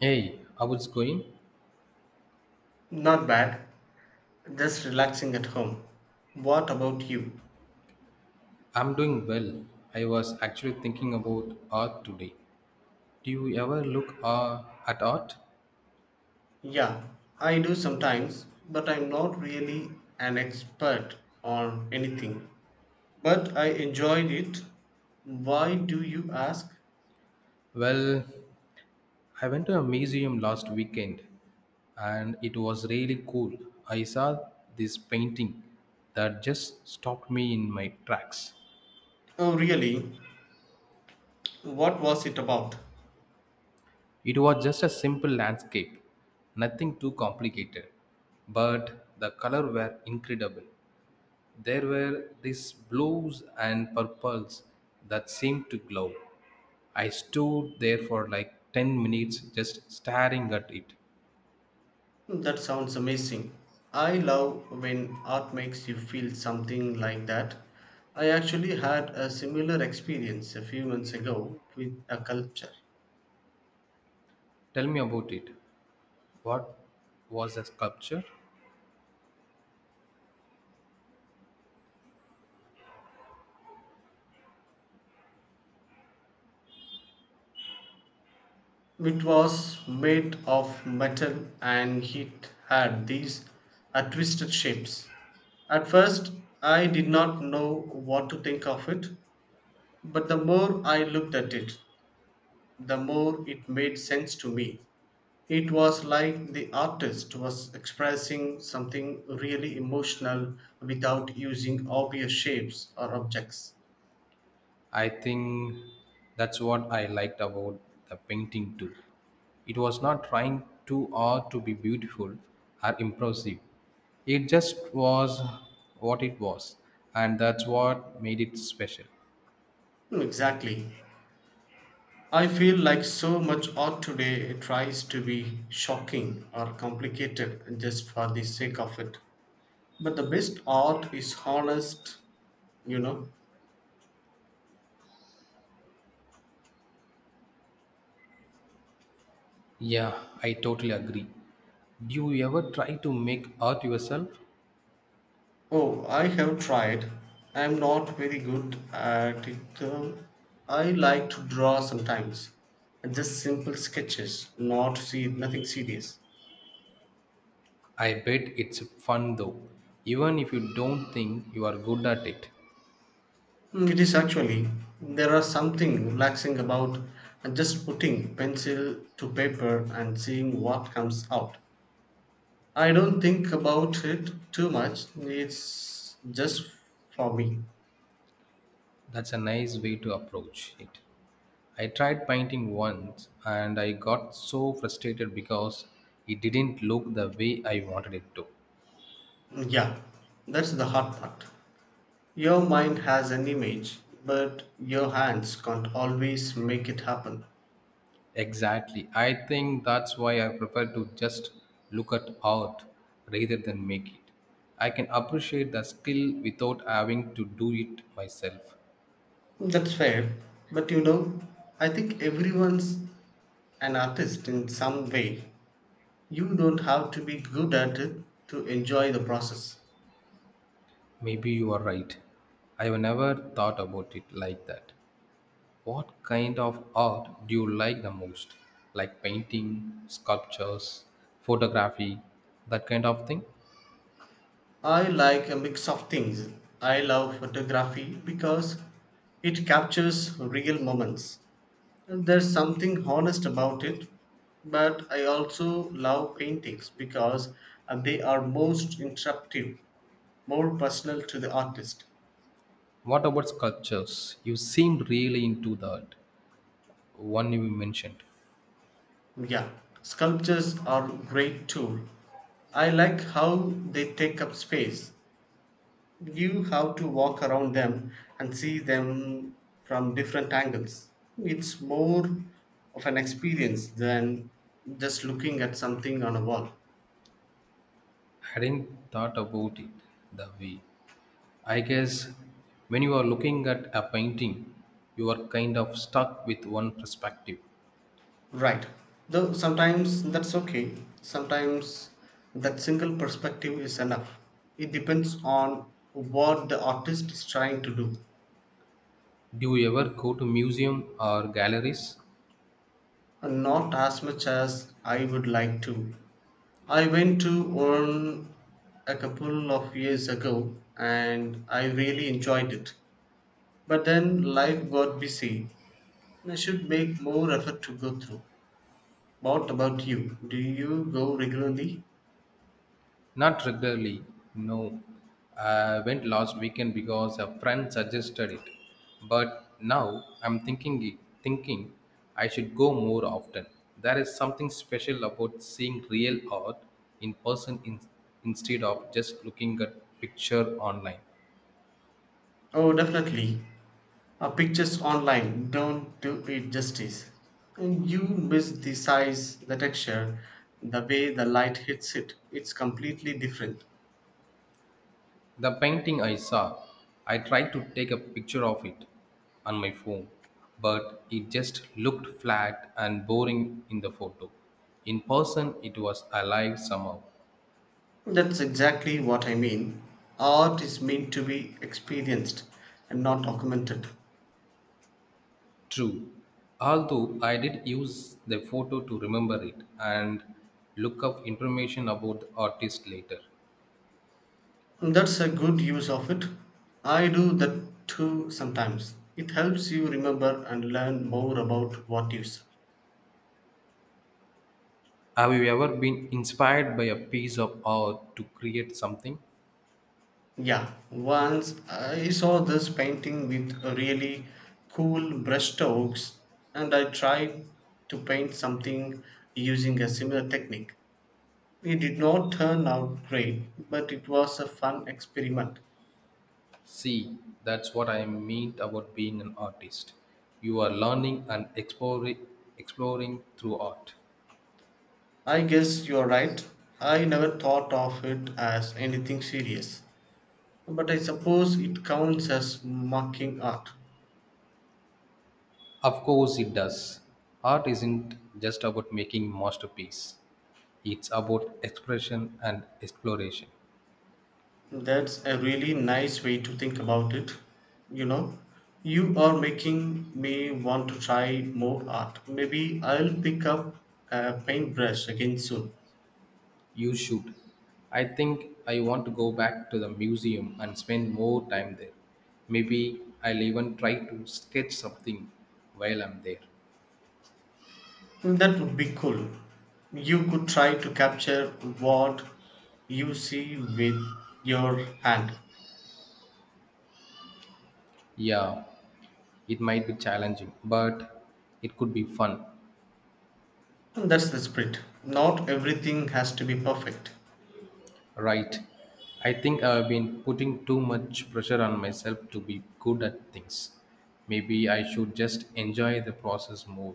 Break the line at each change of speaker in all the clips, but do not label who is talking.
Hey, how it's going?
Not bad. Just relaxing at home. What about you?
I'm doing well. I was actually thinking about art today. Do you ever look at art?
Yeah, I do sometimes, but I'm not really an expert on anything. But I enjoyed it. Why do you ask?
Well, I went to a museum last weekend and it was really cool. I saw this painting that just stopped me in my tracks.
Oh, really? What was it about?
It was just a simple landscape, nothing too complicated, but the color were incredible. There were these blues and purples that seemed to glow. I stood there for like 10 minutes just staring at it.
That sounds amazing. I love when art makes you feel something like that. I actually had a similar experience a few months ago with a sculpture.
Tell me about it. What was the sculpture?
It was made of metal and it had these twisted shapes. At first, I did not know what to think of it, but the more I looked at it, the more it made sense to me. It was like the artist was expressing something really emotional without using obvious shapes or objects.
I think that's what I liked about the painting too. It was not trying too hard to be beautiful or impressive. It just was what it was, and that's what made it special.
Hmm, exactly. I feel like so much art today tries to be shocking or complicated just for the sake of it. But the best art is honest, you know.
Yeah, I totally agree. Do you ever try to make art yourself?
Oh, I have tried. I'm not very good at it though. I like to draw sometimes. Just simple sketches, not see nothing serious.
I bet it's fun though, even if you don't think you are good at it.
Mm, it is actually there are something relaxing about just putting pencil to paper and seeing what comes out. I don't think about it too much. It's just for me.
That's a nice way to approach it. I tried painting once and I got so frustrated because it didn't look the way I wanted it to.
Yeah, that's the hard part. Your mind has an image, but your hands can't always make it happen.
Exactly. I think that's why I prefer to just look at art rather than make it. I can appreciate the skill without having to do it myself.
That's fair. But you know, I think everyone's an artist in some way. You don't have to be good at it to enjoy the process.
Maybe you are right. I've never thought about it like that. What kind of art do you like the most? Like painting, sculptures, photography, that kind of thing?
I like a mix of things. I love photography because it captures real moments. And there's something honest about it, but I also love paintings because they are most interactive, more personal to the artist.
What about sculptures? You seemed really into that one you mentioned.
Yeah, sculptures are great too. I like how they take up space. You have to walk around them and see them from different angles. It's more of an experience than just looking at something on a wall.
I hadn't thought about it that way. I guess when you are looking at a painting, you are kind of stuck with one perspective.
Right. Though sometimes that's okay. Sometimes that single perspective is enough. It depends on what the artist is trying to do,
Do you ever go to museum or galleries?
and not as much as I would like to. I went to one a couple of years ago and I really enjoyed it. But then life got busy. I should make more effort to go through. What about you? Do you go regularly?
Not regularly, no. I went last weekend because a friend suggested it. But now I'm thinking I should go more often. There is something special about seeing real art in person in, instead of just looking at picture online.
Oh, definitely. Pictures online don't do it justice. And you miss the size, the texture, the way the light hits it. It's completely different.
The painting I saw, I tried to take a picture of it on my phone, but it just looked flat and boring in the photo. In person, it was alive somehow.
That's exactly what I mean. Art is meant to be experienced and not documented.
True, although I did use the photo to remember it and look up information about the artist later.
That's a good use of it. I do that too sometimes. It helps you remember and learn more about what you saw.
Have you ever been inspired by a piece of art to create something?
Yeah, once I saw this painting with really cool brush strokes and I tried to paint something using a similar technique. It did not turn out great, but it was a fun experiment.
See, that's what I mean about being an artist. You are learning and exploring through art.
I guess you're right. I never thought of it as anything serious, but I suppose it counts as mocking art.
Of course, it does. Art isn't just about making masterpiece. It's about expression and exploration.
That's a really nice way to think about it. You know, you are making me want to try more art. Maybe I'll pick up a paintbrush again soon.
You should. I think I want to go back to the museum and spend more time there. Maybe I'll even try to sketch something while I'm there.
That would be cool. You could try to capture what you see with your hand.
Yeah, it might be challenging, but it could be fun.
And that's the spirit. Not everything has to be perfect.
Right. I think I've been putting too much pressure on myself to be good at things. Maybe I should just enjoy the process more.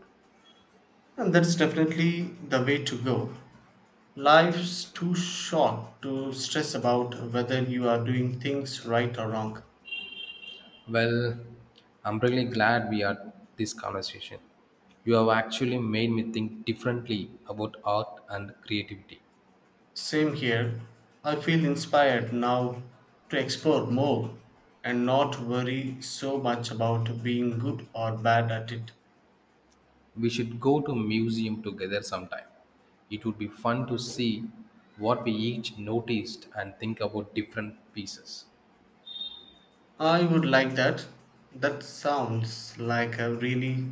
And that's definitely the way to go. Life's too short to stress about whether you are doing things right or wrong.
Well, I'm really glad we had this conversation. You have actually made me think differently about art and creativity.
Same here. I feel inspired now to explore more and not worry so much about being good or bad at it.
We should go to museum together sometime. It would be fun to see what we each noticed and think about different pieces.
I would like that. That sounds like a really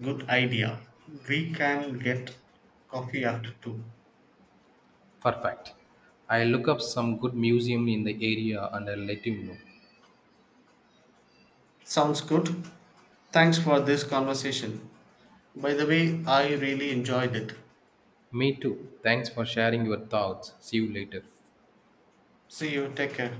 good idea. We can get coffee after two.
Perfect. I'll look up some good museum in the area and I'll let you know.
Sounds good. Thanks for this conversation. By the way, I really enjoyed it.
Me too. Thanks for sharing your thoughts. See you later.
See you, take care.